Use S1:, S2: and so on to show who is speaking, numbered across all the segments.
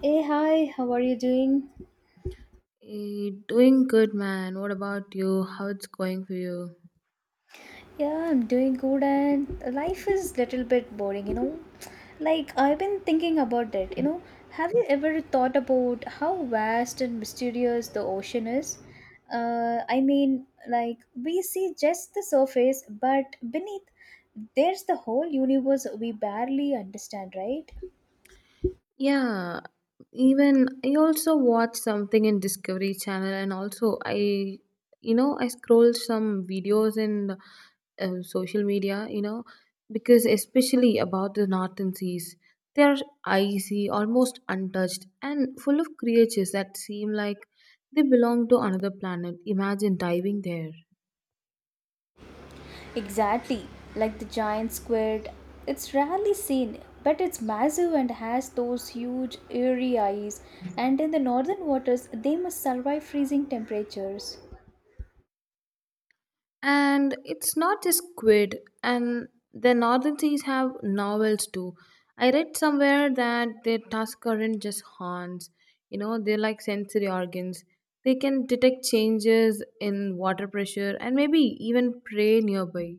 S1: Hey, hi, how are you doing?
S2: Hey, doing good, man. What about you? How it's going for you?
S1: Yeah, I'm doing good and life is little bit boring, you know. Like I've been thinking about it, you know. Have you ever thought about how vast and mysterious the ocean is? I mean, like we see just the surface, but beneath there's the whole universe we barely understand, right?
S2: Yeah, even I also watched something in Discovery Channel, and also I, you know, I scrolled some videos in social media, you know, because especially about the northern seas, they are icy, almost untouched, and full of creatures that seem like they belong to another planet. Imagine diving there.
S1: Exactly, like the giant squid. It's rarely seen, but it's massive and has those huge, eerie eyes. And in the northern waters, they must survive freezing temperatures.
S2: And it's not just quid, and the northern seas have novels too. I read somewhere that their tusks aren't just horns, you know, they're like sensory organs. They can detect changes in water pressure and maybe even prey nearby.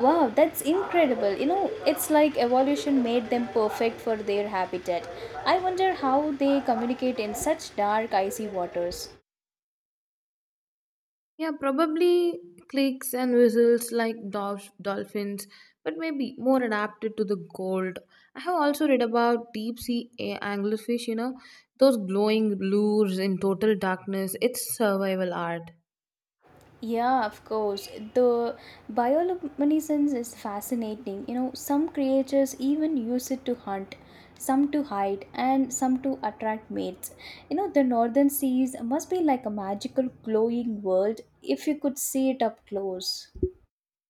S1: Wow, that's incredible. You know, it's like evolution made them perfect for their habitat. I wonder how they communicate in such dark, icy waters.
S2: Yeah, probably clicks and whistles like dolphins, but maybe more adapted to the cold. I have also read about deep sea anglerfish, you know, those glowing lures in total darkness. It's survival art.
S1: Yeah, of course. The bioluminescence is fascinating. You know, some creatures even use it to hunt, some to hide, and some to attract mates. You know, the northern seas must be like a magical glowing world if you could see it up close.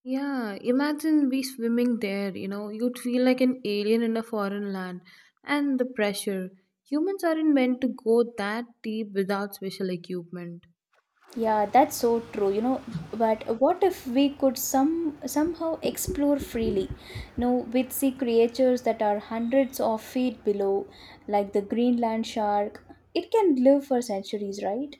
S2: Yeah, imagine we swimming there, you know, you'd feel like an alien in a foreign land. And the pressure. Humans aren't meant to go that deep without special equipment.
S1: Yeah, that's so true, you know. But what if we could somehow explore freely? You know, we'd see creatures that are hundreds of feet below, like the Greenland shark. It can live for centuries, right?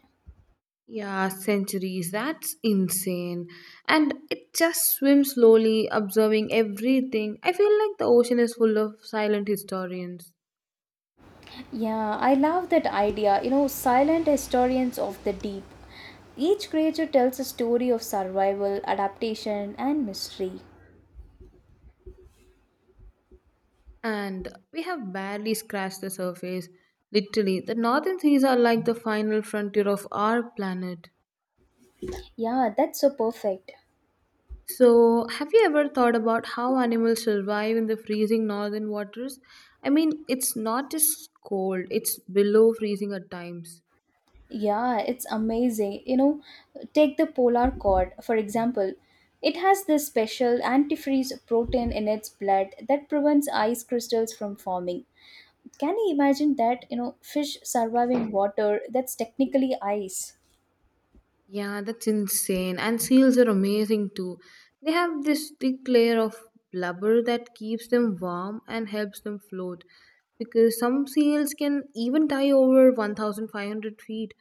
S2: Yeah, centuries. That's insane. And it just swims slowly, observing everything. I feel like the ocean is full of silent historians.
S1: Yeah, I love that idea. You know, silent historians of the deep. Each creature tells a story of survival, adaptation, and mystery.
S2: And we have barely scratched the surface. Literally, the northern seas are like the final frontier of our planet.
S1: Yeah, that's so perfect.
S2: So, have you ever thought about how animals survive in the freezing northern waters? I mean, it's not just cold, it's below freezing at times.
S1: Yeah, it's amazing. You know, take the polar cord, for example. It has this special antifreeze protein in its blood that prevents ice crystals from forming. Can you imagine that, you know, fish surviving water that's technically ice?
S2: Yeah, that's insane. And seals are amazing too. They have this thick layer of blubber that keeps them warm and helps them float. Because some seals can even dive over 1,500 feet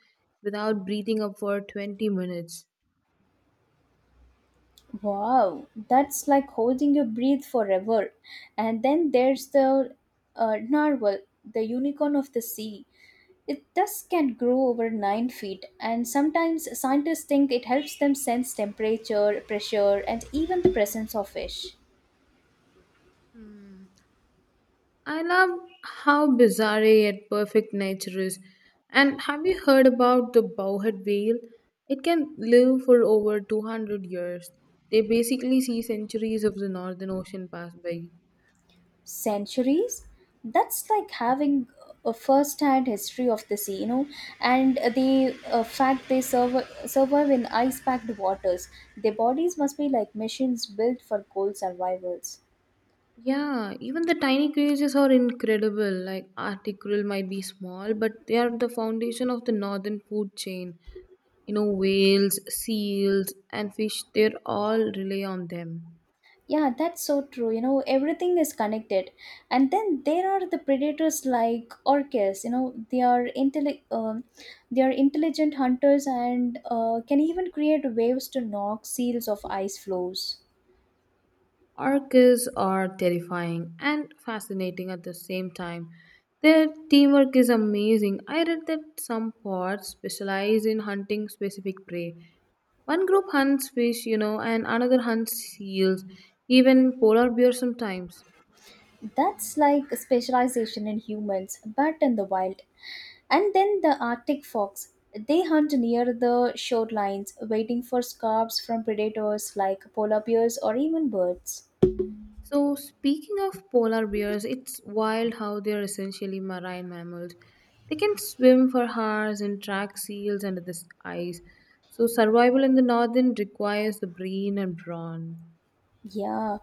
S2: without breathing up for 20 minutes.
S1: Wow, that's like holding your breath forever. And then there's the narwhal, the unicorn of the sea. It thus can grow over 9 feet, and sometimes scientists think it helps them sense temperature, pressure, and even the presence of fish.
S2: Hmm. I love how bizarre yet perfect nature is. And have you heard about the bowhead whale? It can live for over 200 years. They basically see centuries of the Northern Ocean pass by.
S1: Centuries? That's like having a first hand history of the sea, you know. And the fact they survive in ice packed waters, their bodies must be like machines built for cold survivals.
S2: Yeah, even the tiny creatures are incredible. Like Arctic krill might be small, but they are the foundation of the northern food chain. You know, whales, seals, and fish, they all rely on them.
S1: Yeah, that's so true. You know, everything is connected. And then there are the predators like orcas. You know, they are intelligent hunters and can even create waves to knock seals off ice floes.
S2: Orcas are terrifying and fascinating at the same time. Their teamwork is amazing. I read that some pods specialize in hunting specific prey. One group hunts fish, you know, and another hunts seals, even polar bears sometimes.
S1: That's like a specialization in humans, but in the wild. And then the Arctic fox. They hunt near the shorelines, waiting for scabs from predators like polar bears or even birds.
S2: So, speaking of polar bears, it's wild how they're essentially marine mammals. They can swim for hours and track seals under the ice. So, survival in the northern requires the brain and brawn.
S1: Yeah,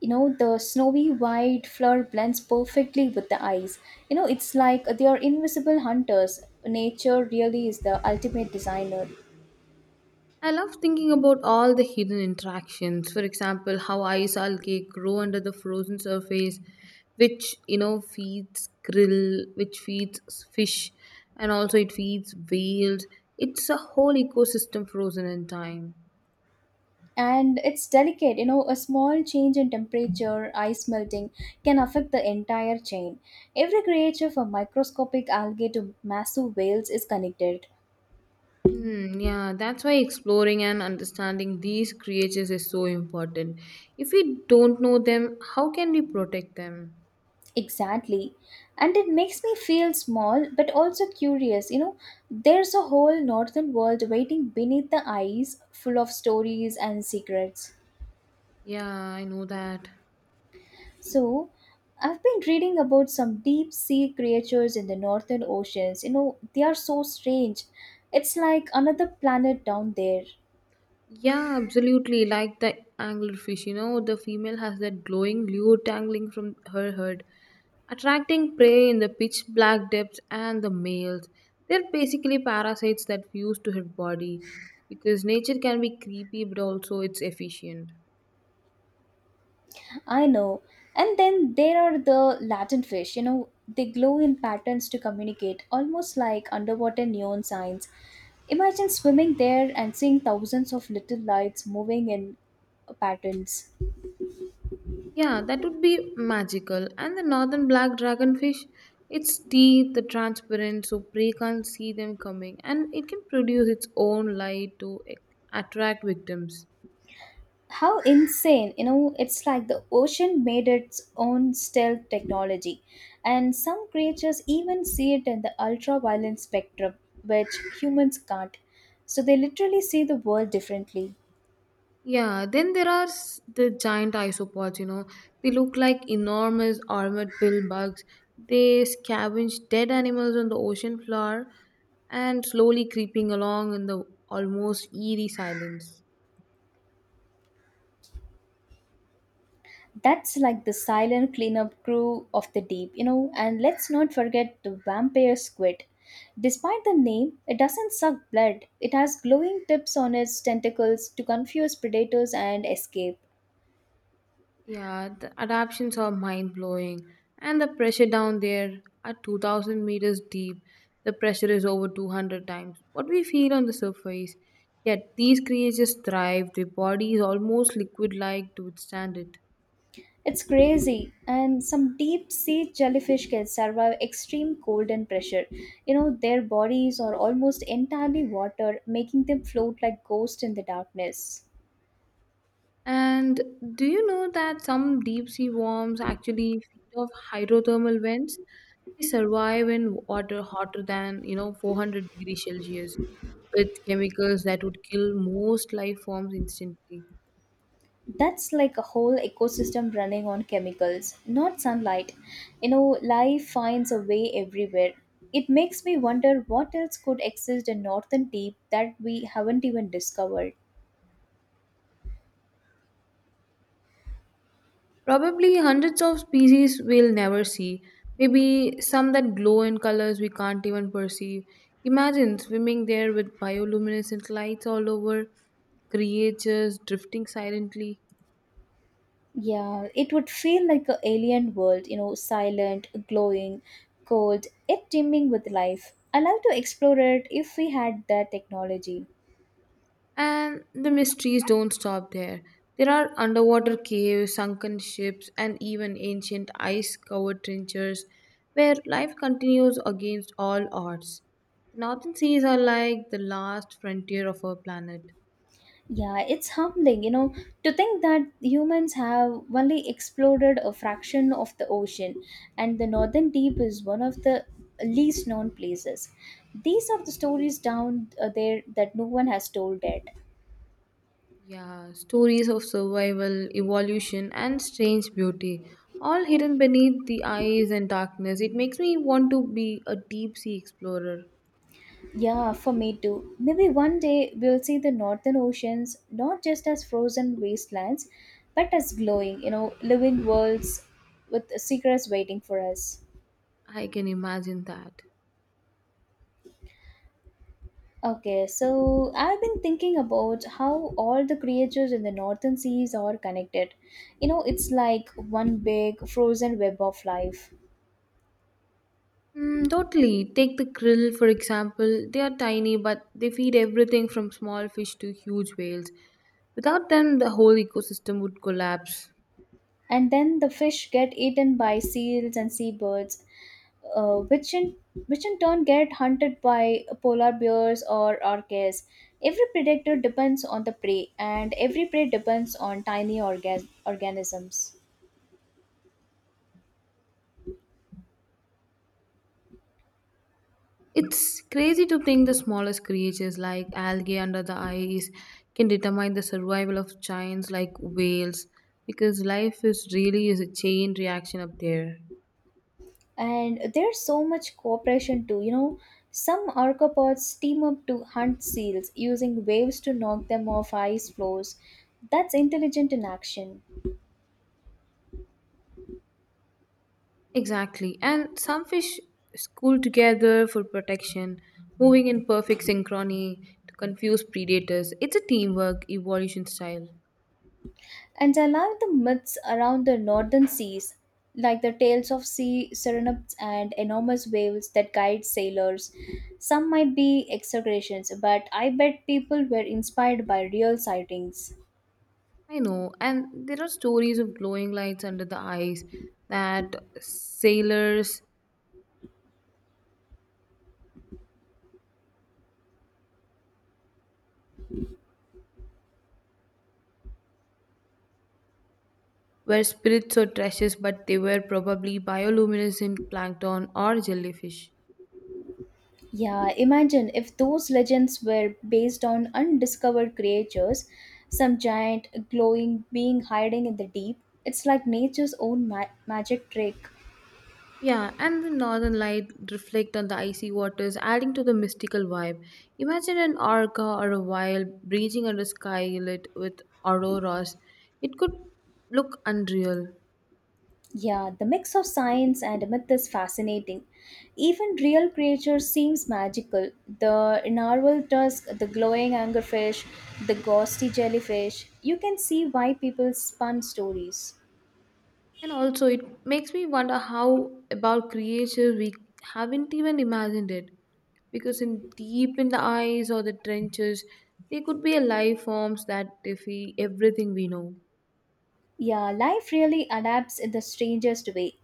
S1: you know, the snowy white floor blends perfectly with the ice. You know, it's like they are invisible hunters. Nature really is the ultimate designer.
S2: I love thinking about all the hidden interactions. For example, how ice algae grow under the frozen surface, which you know feeds krill, which feeds fish, and also it feeds whales. It's a whole ecosystem frozen in time.
S1: And it's delicate, you know, a small change in temperature, ice melting, can affect the entire chain. Every creature from microscopic algae to massive whales is connected.
S2: Hmm. Yeah, that's why exploring and understanding these creatures is so important. If we don't know them, how can we protect them?
S1: Exactly. And it makes me feel small but also curious. You know, there's a whole northern world waiting beneath the ice, full of stories and secrets.
S2: Yeah, I know that.
S1: So, I've been reading about some deep sea creatures in the northern oceans. You know, they are so strange. It's like another planet down there.
S2: Yeah, absolutely. Like the anglerfish, you know, the female has that glowing lure dangling from her head, attracting prey in the pitch black depths, and the males. They're basically parasites that fuse to her body because nature can be creepy, but also it's efficient.
S1: I know. And then there are the Latin fish, you know, they glow in patterns to communicate, almost like underwater neon signs. Imagine swimming there and seeing thousands of little lights moving in patterns.
S2: Yeah, that would be magical. And the northern black dragonfish, its teeth are transparent so prey can't see them coming, and it can produce its own light to attract victims.
S1: How insane, you know, it's like the ocean made its own stealth technology. And some creatures even see it in the ultraviolet spectrum, which humans can't. So they literally see the world differently.
S2: Yeah, then there are the giant isopods, you know. They look like enormous armored pill bugs. They scavenge dead animals on the ocean floor and slowly creeping along in the almost eerie silence.
S1: That's like the silent cleanup crew of the deep, you know. And let's not forget the vampire squid. Despite the name, it doesn't suck blood. It has glowing tips on its tentacles to confuse predators and escape.
S2: Yeah, the adaptations are mind blowing, and the pressure down there at 2,000 meters deep, the pressure is over 200 times what we feel on the surface. Yet these creatures thrive, their body is almost liquid like to withstand it.
S1: It's crazy, and some deep sea jellyfish can survive extreme cold and pressure. You know, their bodies are almost entirely water, making them float like ghosts in the darkness.
S2: And do you know that some deep sea worms actually feed off hydrothermal vents? They survive in water hotter than you know 400 degrees Celsius with chemicals that would kill most life forms instantly.
S1: That's like a whole ecosystem running on chemicals not sunlight. You know, life finds a way everywhere. It makes me wonder what else could exist in northern deep that we haven't even discovered.
S2: Probably hundreds of species we'll never see. Maybe some that glow in colors we can't even perceive. Imagine swimming there with bioluminescent lights all over, creatures drifting silently.
S1: Yeah, it would feel like an alien world, you know, silent glowing cold yet teeming with life. I love to explore it if we had the technology.
S2: And the mysteries don't stop there. There are underwater caves, sunken ships, and even ancient ice covered trenches where life continues against all odds. The northern seas are like the last frontier of our planet.
S1: Yeah, it's humbling, you know, to think that humans have only exploded a fraction of the ocean, and the northern deep is one of the least known places. These are the stories down there that no one has told yet.
S2: Yeah, stories of survival, evolution, and strange beauty, all hidden beneath the ice and darkness. It makes me want to be a deep sea explorer.
S1: Yeah, for me too. Maybe one day we'll see the northern oceans not just as frozen wastelands, but as glowing, you know, living worlds with secrets waiting for us.
S2: I can imagine that.
S1: Okay, so I've been thinking about how all the creatures in the northern seas are connected. You know, it's like one big frozen web of life.
S2: Mm, totally. Take the krill, for example. They are tiny, but they feed everything from small fish to huge whales. Without them, the whole ecosystem would collapse.
S1: And then the fish get eaten by seals and seabirds, uh, which in which in turn get hunted by polar bears or orcas. Every predator depends on the prey, and every prey depends on organisms.
S2: It's crazy to think the smallest creatures like algae under the ice can determine the survival of giants like whales because life is really is a chain reaction up there.
S1: And there's so much cooperation too, you know, some arthropods team up to hunt seals using waves to knock them off ice floes. That's intelligent in action.
S2: Exactly. And some fish school together for protection, moving in perfect synchrony to confuse predators. It's a teamwork evolution style.
S1: And I love the myths around the northern seas, like the tales of sea serenaps and enormous whales that guide sailors. Some might be exaggerations, but I bet people were inspired by real sightings.
S2: I know. And there are stories of glowing lights under the ice that sailors were spirits or trashes, but they were probably bioluminescent plankton or jellyfish.
S1: Yeah, imagine if those legends were based on undiscovered creatures, some giant glowing being hiding in the deep. It's like nature's own magic trick.
S2: Yeah, and the northern light reflect on the icy waters, adding to the mystical vibe. Imagine an orca or a whale breaching under sky lit with auroras. It could look unreal.
S1: Yeah, the mix of science and myth is fascinating. Even real creatures seems magical. The narwhal tusk, the glowing anglerfish, the ghosty jellyfish. You can see why people spun stories.
S2: And also, it makes me wonder how about creatures we haven't even imagined it. Because in deep in the ice or the trenches, there could be a life forms that defy everything we know.
S1: Yeah, life really adapts in the strangest way.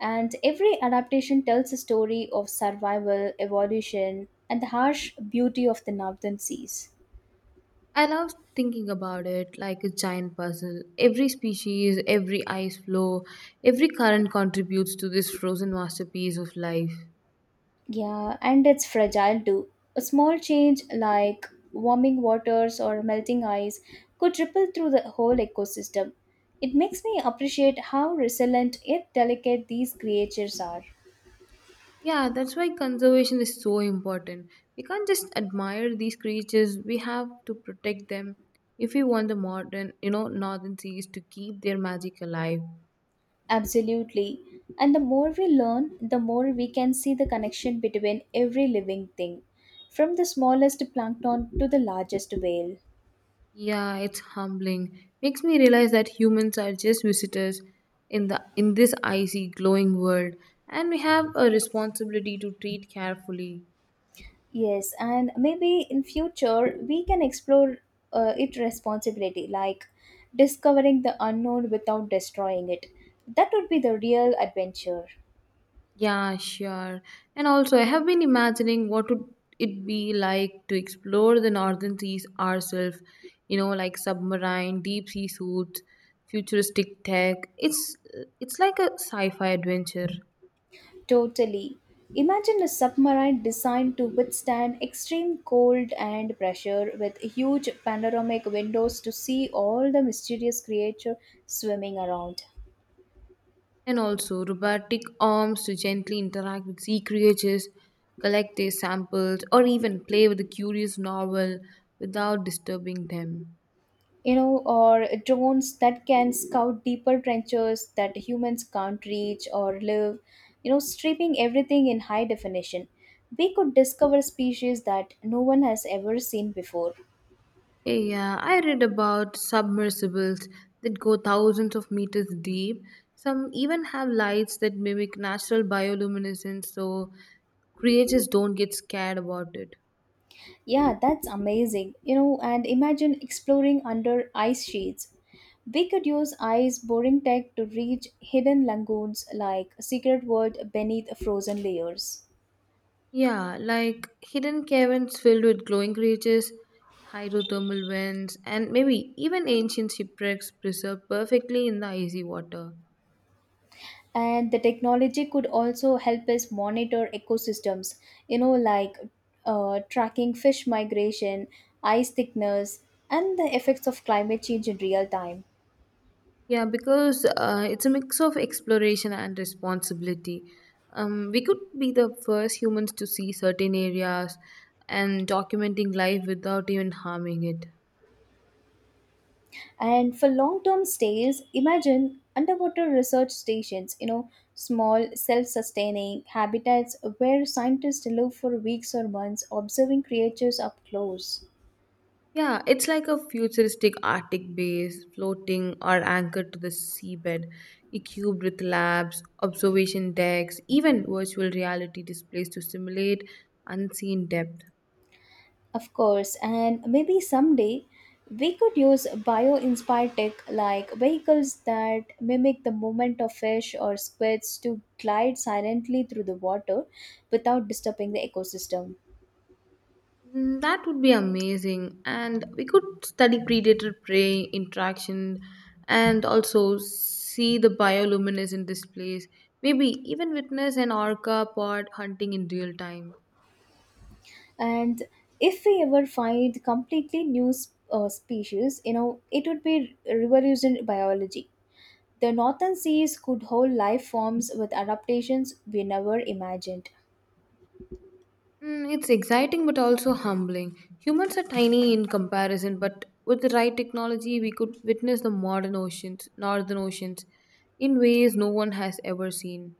S1: And every adaptation tells a story of survival, evolution, and the harsh beauty of the northern seas.
S2: I love thinking about it like a giant puzzle. Every species, every ice flow, every current contributes to this frozen masterpiece of life.
S1: Yeah, and it's fragile too. A small change like warming waters or melting ice could ripple through the whole ecosystem. It makes me appreciate how resilient yet delicate these creatures are.
S2: Yeah, that's why conservation is so important. We can't just admire these creatures, we have to protect them if we want the modern, you know, northern seas to keep their magic alive.
S1: Absolutely. And the more we learn, the more we can see the connection between every living thing, from the smallest plankton to the largest whale.
S2: Yeah, it's humbling. Makes me realize that humans are just visitors in the in this icy glowing world and we have a responsibility to treat carefully.
S1: Yes, and maybe in future we can explore it responsibility, like discovering the unknown without destroying it. That would be the real adventure.
S2: Yeah, sure. And also, I have been imagining what would it be like to explore the northern seas ourselves, you know, like submarine, deep sea suits, futuristic tech. It's like a sci-fi adventure.
S1: Totally. Imagine a submarine designed to withstand extreme cold and pressure with huge panoramic windows to see all the mysterious creatures swimming around.
S2: And also robotic arms to gently interact with sea creatures, collect their samples, or even play with a curious novel without disturbing them.
S1: You know, or drones that can scout deeper trenches that humans can't reach or live, you know, stripping everything in high definition. We could discover species that no one has ever seen before.
S2: Yeah, I read about submersibles that go thousands of meters deep. Some even have lights that mimic natural bioluminescence so creatures don't get scared about it.
S1: Yeah, that's amazing. You know, and imagine exploring under ice sheets. We could use ice boring tech to reach hidden lagoons like a secret world beneath frozen layers.
S2: Yeah, like hidden caverns filled with glowing creatures, hydrothermal vents, and maybe even ancient shipwrecks preserved perfectly in the icy water.
S1: And the technology could also help us monitor ecosystems, you know, like tracking fish migration, ice thickness, and the effects of climate change in real time.
S2: Yeah, because it's a mix of exploration and responsibility. We could be the first humans to see certain areas and documenting life without even harming it.
S1: And for long term stays, imagine underwater research stations, you know, small self sustaining habitats where scientists live for weeks or months observing creatures up close.
S2: Yeah, it's like a futuristic Arctic base floating or anchored to the seabed, equipped with labs, observation decks, even virtual reality displays to simulate unseen depth.
S1: Of course, and maybe someday we could use bio inspired tech like vehicles that mimic the movement of fish or squids to glide silently through the water without disturbing the ecosystem.
S2: Mm, that would be amazing. And we could study predator prey interaction and also see the bioluminescent displays. Maybe even witness an orca pod hunting in real time.
S1: And if we ever find completely species, you know, it would be revolution biology. The northern seas could hold life forms with adaptations we never imagined.
S2: Mm, it's exciting but also humbling. Humans are tiny in comparison, but with the right technology, we could witness the modern oceans, northern oceans, in ways no one has ever seen.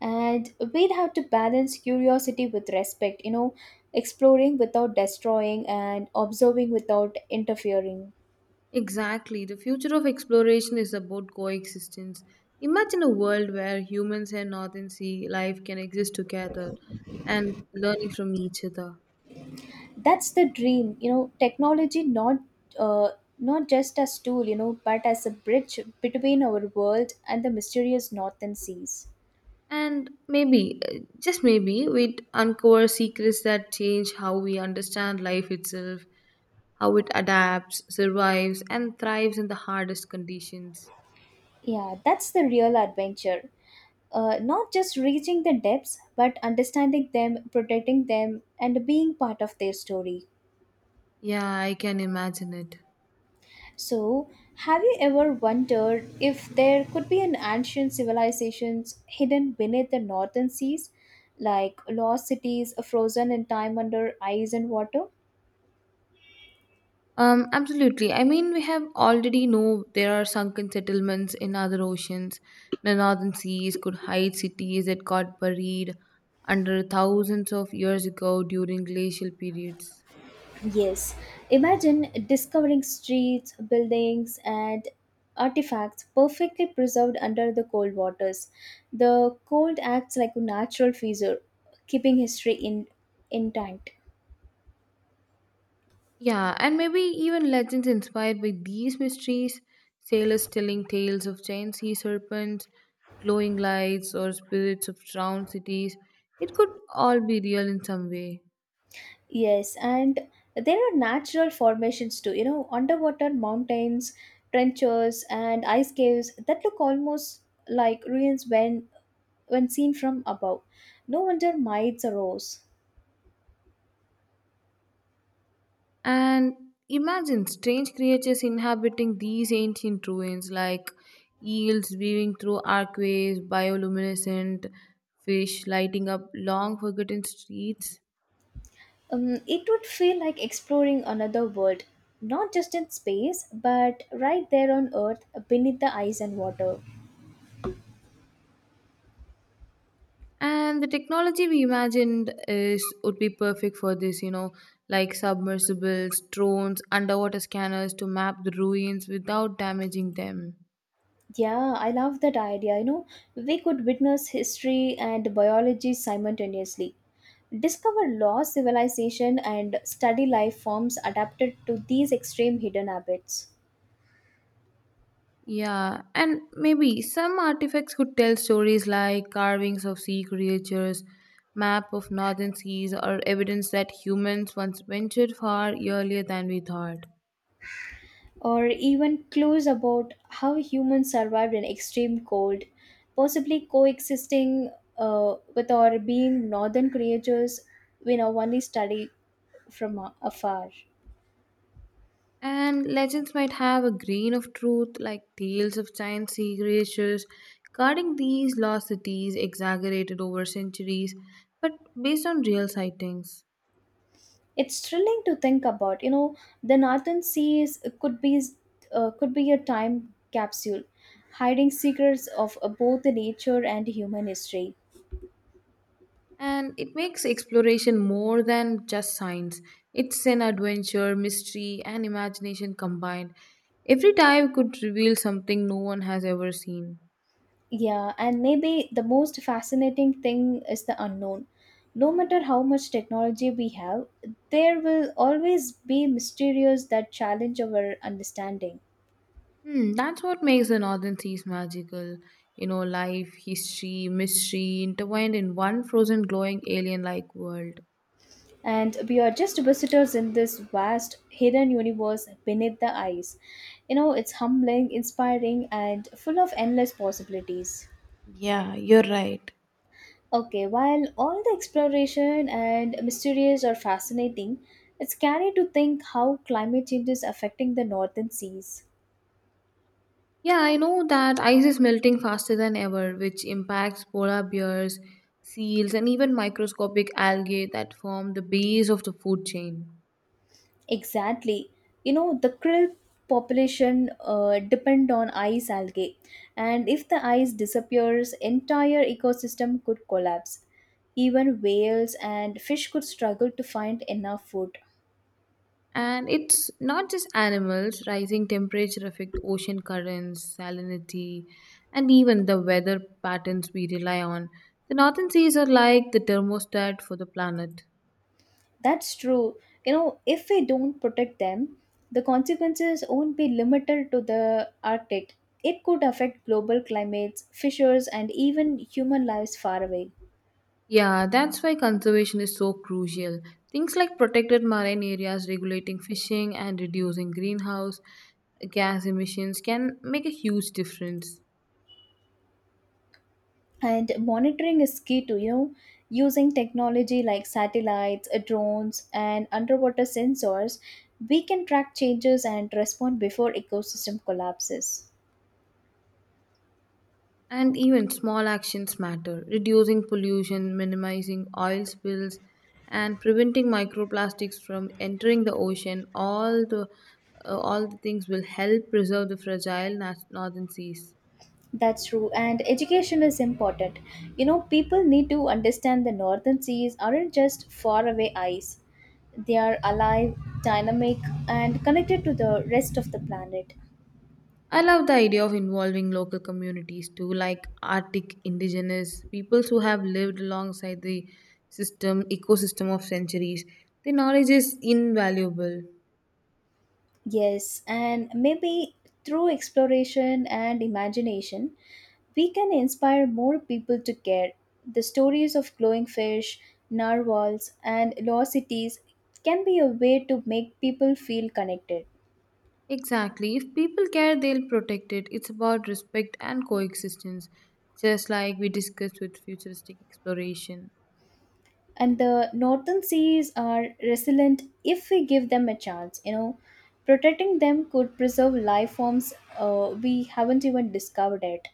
S1: And we'd have to balance curiosity with respect, you know, exploring without destroying and observing without interfering.
S2: Exactly. The future of exploration is about coexistence. Imagine a world where humans and northern sea life can exist together and learning from each other.
S1: That's the dream, you know, technology not uh, not just as tool, you know, but as a bridge between our world and the mysterious northern seas.
S2: And maybe, just maybe, we'd uncover secrets that change how we understand life itself, how it adapts, survives, and thrives in the hardest conditions.
S1: Yeah, that's the real adventure. Not just reaching the depths, but understanding them, protecting them, and being part of their story.
S2: Yeah, I can imagine it.
S1: So, have you ever wondered if there could be an ancient civilizations hidden beneath the northern seas, like lost cities frozen in time under ice and water?
S2: Absolutely. I mean, we have already know there are sunken settlements in other oceans. The northern seas could hide cities that got buried under thousands of years ago during glacial periods.
S1: Yes, imagine discovering streets, buildings, and artifacts perfectly preserved under the cold waters. The cold acts like a natural freezer, keeping history in intact.
S2: Yeah, and maybe even legends inspired by these mysteries, sailors telling tales of giant sea serpents, glowing lights, or spirits of drowned cities. It could all be real in some way.
S1: Yes, and there are natural formations too. You know, underwater mountains, trenches, and ice caves that look almost like ruins when seen from above. No wonder myths arose.
S2: And imagine strange creatures inhabiting these ancient ruins like eels weaving through archways, bioluminescent fish lighting up long forgotten streets.
S1: It would feel like exploring another world, not just in space, but right there on Earth beneath the ice and water.
S2: And the technology we imagined is would be perfect for this, you know, like submersibles, drones, underwater scanners to map the ruins without damaging them.
S1: Yeah, I love that idea. You know, we could witness history and biology simultaneously, discover lost civilization, and study life forms adapted to these extreme hidden habits.
S2: Yeah, and maybe some artifacts could tell stories like carvings of sea creatures, map of northern seas, or evidence that humans once ventured far earlier than we thought.
S1: Or even clues about how humans survived in extreme cold, possibly coexisting with or being northern creatures we now only study from afar.
S2: And legends might have a grain of truth, like tales of giant sea creatures guarding these lost cities exaggerated over centuries, but based on real sightings.
S1: It's thrilling to think about. You know, the northern seas could be a time capsule, hiding secrets of both the nature and human history.
S2: And it makes exploration more than just science. It's an adventure, mystery, and imagination combined. Every dive could reveal something no one has ever seen.
S1: Yeah, and maybe the most fascinating thing is the unknown. No matter how much technology we have, there will always be mysterious that challenge our understanding.
S2: Hmm, that's what makes the Northern Seas magical. You know, life, history, mystery intertwined in one frozen, glowing alien like world.
S1: And we are just visitors in this vast hidden universe beneath the ice. It's humbling, inspiring, and full of endless possibilities.
S2: Yeah, you're right.
S1: Okay, while all the exploration and mysteries are fascinating, it's scary to think how climate change is affecting the northern seas.
S2: Yeah, I know that ice is melting faster than ever, which impacts polar bears, seals, and even microscopic algae that form the base of the food chain.
S1: Exactly. The krill population depend on ice algae, and if the ice disappears, entire ecosystem could collapse. Even whales and fish could struggle to find enough food.
S2: And it's not just animals, rising temperature affect ocean currents, salinity, and even the weather patterns we rely on. The northern seas are like the thermostat for the planet.
S1: That's true. If we don't protect them, the consequences won't be limited to the Arctic. It could affect global climates, fishers, and even human lives far away.
S2: Yeah, that's why conservation is so crucial. Things like protected marine areas, regulating fishing, and reducing greenhouse gas emissions can make a huge difference.
S1: And monitoring is key to using technology like satellites, drones, and underwater sensors. We can track changes and respond before ecosystem collapses.
S2: And even small actions matter. Reducing pollution, minimizing oil spills, and preventing microplastics from entering the ocean all the things will help preserve the fragile northern seas.
S1: That's true, and education is important. People need to understand the northern seas aren't just faraway ice. They are alive, dynamic, and connected to the rest of the planet.
S2: I love the idea of involving local communities too, like Arctic indigenous peoples who have lived alongside the system ecosystem of centuries. Their knowledge is invaluable.
S1: Yes, and maybe through exploration and imagination, we can inspire more people to care. The stories of glowing fish, narwhals, and lost cities can be a way to make people feel connected.
S2: Exactly. If people care, they'll protect it. It's about respect and coexistence, just like we discussed with futuristic exploration.
S1: And the northern seas are resilient if we give them a chance. Protecting them could preserve life forms we haven't even discovered yet.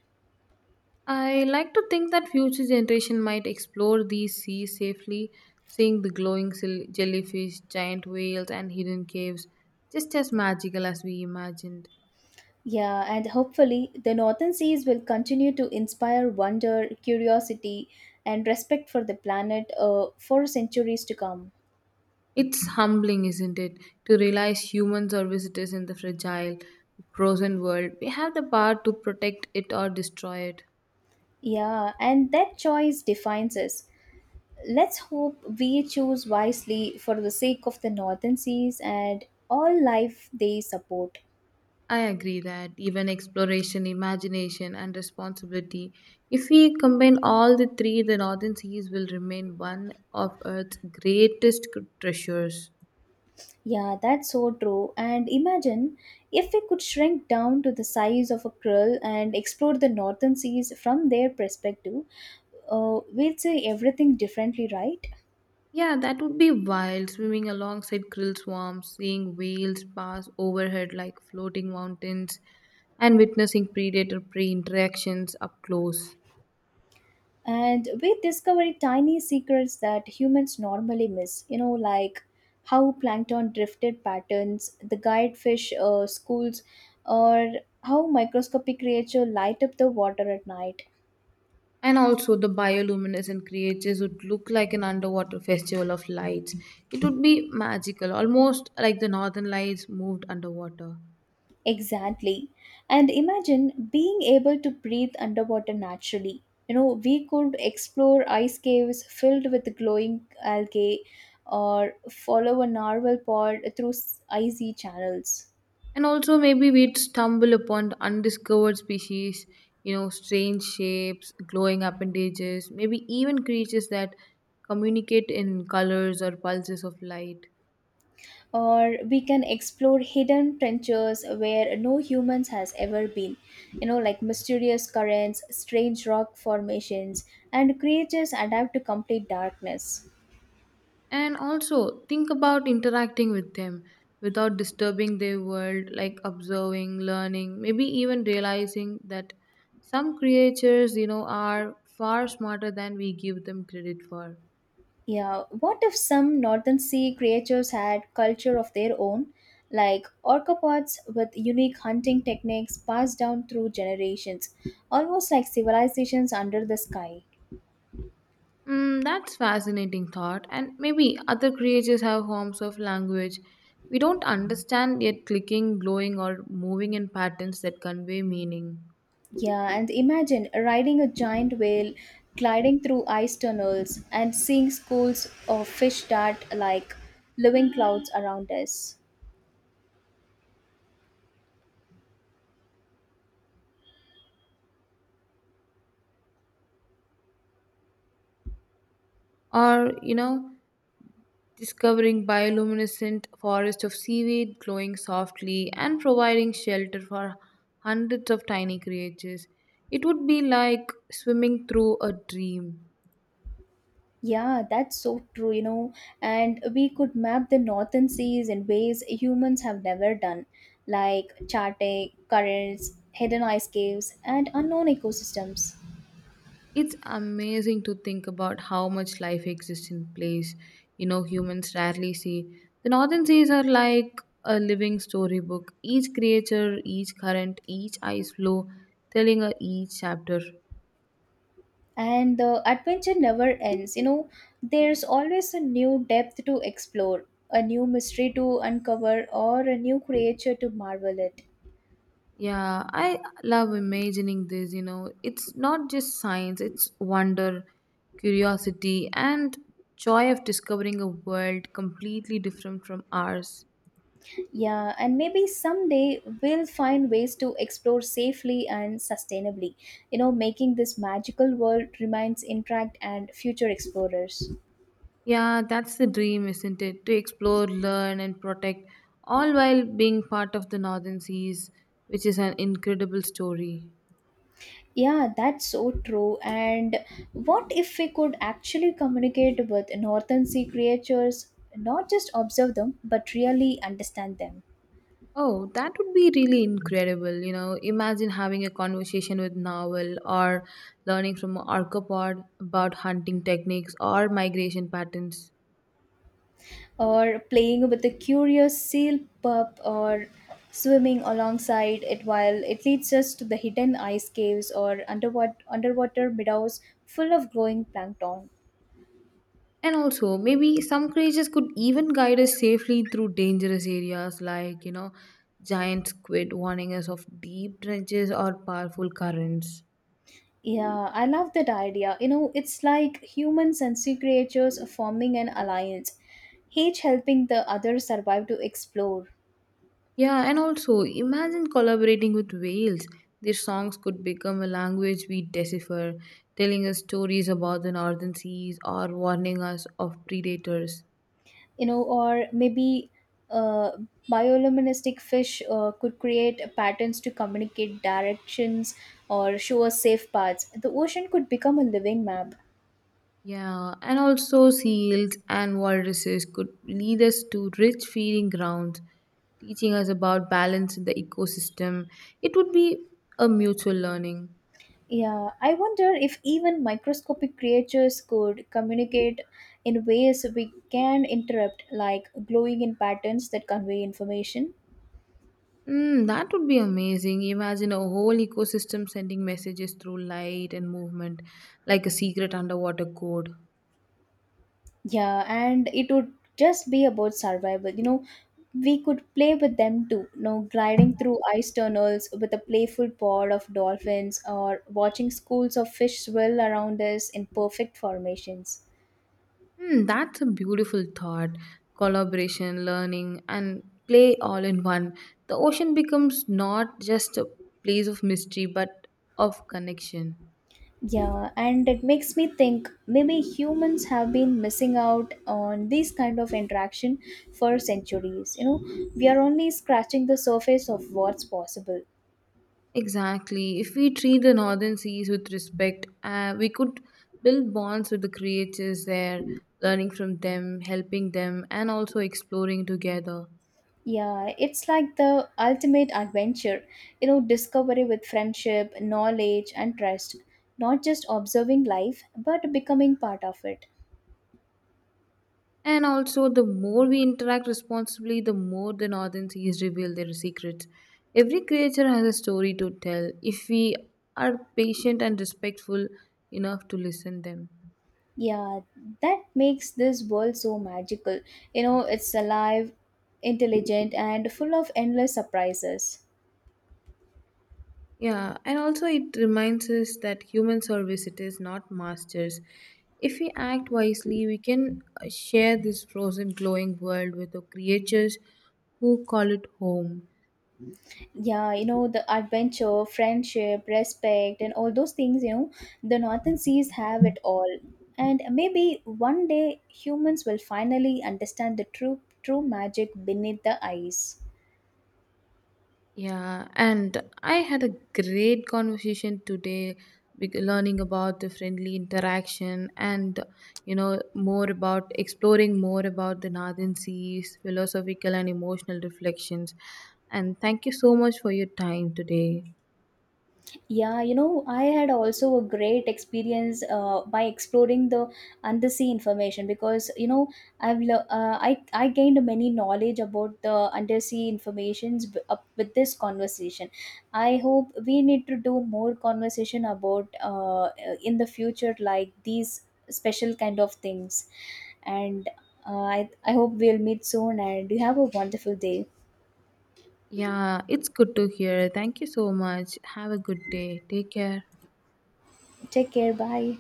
S2: I like to think that future generation might explore these seas safely, seeing the glowing jellyfish, giant whales, and hidden caves, just as magical as we imagined.
S1: Yeah, and hopefully the northern seas will continue to inspire wonder, curiosity, and respect for the planet, for centuries to come.
S2: It's humbling, isn't it, to realize humans are visitors in the fragile, frozen world. We have the power to protect it or destroy it.
S1: Yeah, and that choice defines us. Let's hope we choose wisely for the sake of the northern seas and all life they support.
S2: I agree that even exploration, imagination, and responsibility, if we combine all the three, the Northern Seas will remain one of Earth's greatest treasures.
S1: Yeah, that's so true. And imagine if we could shrink down to the size of a krill and explore the northern seas from their perspective, we'd see everything differently, right?
S2: Yeah, that would be wild swimming alongside krill swarms, seeing whales pass overhead like floating mountains, and witnessing predator prey interactions up close.
S1: And we discover tiny secrets that humans normally miss, like how plankton drifted patterns, the guide fish schools, or how microscopic creature light up the water at night.
S2: And also, the bioluminescent creatures would look like an underwater festival of lights. It would be magical, almost like the northern lights moved underwater.
S1: Exactly. And imagine being able to breathe underwater naturally. We could explore ice caves filled with glowing algae or follow a narwhal pod through icy channels.
S2: And also, maybe we'd stumble upon the undiscovered species, you know, strange shapes, glowing appendages, maybe even creatures that communicate in colors or pulses of light.
S1: Or we can explore hidden trenches where no humans has ever been. Like mysterious currents, strange rock formations, and creatures adapt to complete darkness.
S2: And also, think about interacting with them without disturbing their world, like observing, learning, maybe even realizing that some creatures, you know, are far smarter than we give them credit for.
S1: Yeah, what if some northern sea creatures had culture of their own, like orcopods with unique hunting techniques passed down through generations, almost like civilizations under the sky?
S2: Mm, that's fascinating thought. And maybe other creatures have forms of language we don't understand yet clicking, glowing, or moving in patterns that convey meaning.
S1: Yeah, and imagine riding a giant whale, gliding through ice tunnels, and seeing schools of fish dart like living clouds around us.
S2: Or, you know, discovering bioluminescent forests of seaweed glowing softly and providing shelter for hundreds of tiny creatures. It would be like swimming through a dream.
S1: Yeah, that's so true, And we could map the northern seas in ways humans have never done, like charting currents, hidden ice caves, and unknown ecosystems.
S2: It's amazing to think about how much life exists in place, you know, humans rarely see. The northern seas are like a living storybook. Each creature, each current, each ice flow telling a each chapter.
S1: And the adventure never ends, There's always a new depth to explore, a new mystery to uncover, or a new creature to marvel at.
S2: Yeah, I love imagining this, you know. It's not just science, it's wonder, curiosity, and joy of discovering a world completely different from ours.
S1: Yeah, and maybe someday we'll find ways to explore safely and sustainably, making this magical world remains intact and future explorers.
S2: Yeah, that's the dream, isn't it? To explore, learn, and protect, all while being part of the Northern Seas, which is an incredible story.
S1: Yeah, that's so true. And what if we could actually communicate with northern sea creatures, not just observe them, but really understand them?
S2: Oh, that would be really incredible. You know, imagine having a conversation with Novel or learning from arthropod about hunting techniques or migration patterns.
S1: Or playing with a curious seal pup or swimming alongside it while it leads us to the hidden ice caves or underwater meadows full of glowing plankton.
S2: And also, maybe some creatures could even guide us safely through dangerous areas like, you know, giant squid warning us of deep trenches or powerful currents.
S1: Yeah, I love that idea. It's like humans and sea creatures forming an alliance, each helping the other survive to explore.
S2: Yeah, and also imagine collaborating with whales. Their songs could become a language we decipher, telling us stories about the northern seas or warning us of predators.
S1: You know, or maybe uh, bioluminescent fish could create patterns to communicate directions or show us safe paths. The ocean could become a living map.
S2: Yeah, and also seals and walruses could lead us to rich feeding grounds, teaching us about balance in the ecosystem. It would be a mutual learning.
S1: Yeah, I wonder if even microscopic creatures could communicate in ways we can interrupt, like glowing in patterns that convey information.
S2: Mm, that would be amazing. Imagine a whole ecosystem sending messages through light and movement, like a secret underwater code.
S1: Yeah, and it would just be about survival. We could play with them too. Gliding through ice tunnels with a playful pod of dolphins or watching schools of fish swirl around us in perfect formations.
S2: Hmm, that's a beautiful thought. Collaboration, learning, and play all in one. The ocean becomes not just a place of mystery, but of connection.
S1: Yeah, and it makes me think maybe humans have been missing out on these kind of interaction for centuries. We are only scratching the surface of what's possible.
S2: Exactly. If we treat the northern seas with respect, we could build bonds with the creatures there, learning from them, helping them, and also exploring together.
S1: Yeah, it's like the ultimate adventure, discovery with friendship, knowledge, and trust. Not just observing life, but becoming part of it.
S2: And also, the more we interact responsibly, the more the northern seas reveal their secrets. Every creature has a story to tell if we are patient and respectful enough to listen them.
S1: Yeah, that makes this world so magical. It's alive, intelligent, and full of endless surprises.
S2: Yeah, and also it reminds us that humans are visitors, not masters. If we act wisely, we can share this frozen, glowing world with the creatures who call it home.
S1: Yeah, the adventure, friendship, respect, and all those things, the northern seas have it all. And maybe one day humans will finally understand the true magic beneath the ice.
S2: Yeah, and I had a great conversation today with learning about the friendly interaction and you know more about exploring more about the Northern Seas philosophical and emotional reflections. And thank you so much for your time today.
S1: Yeah, I had also a great experience by exploring the undersea information, because I've I gained many knowledge about the undersea informations up with this conversation. I hope we need to do more conversation about in the future, like these special kind of things, and I hope we'll meet soon. And you have a wonderful day.
S2: Yeah, it's good to hear. Thank you so much. Have a good day. Take care.
S1: Take care. Bye.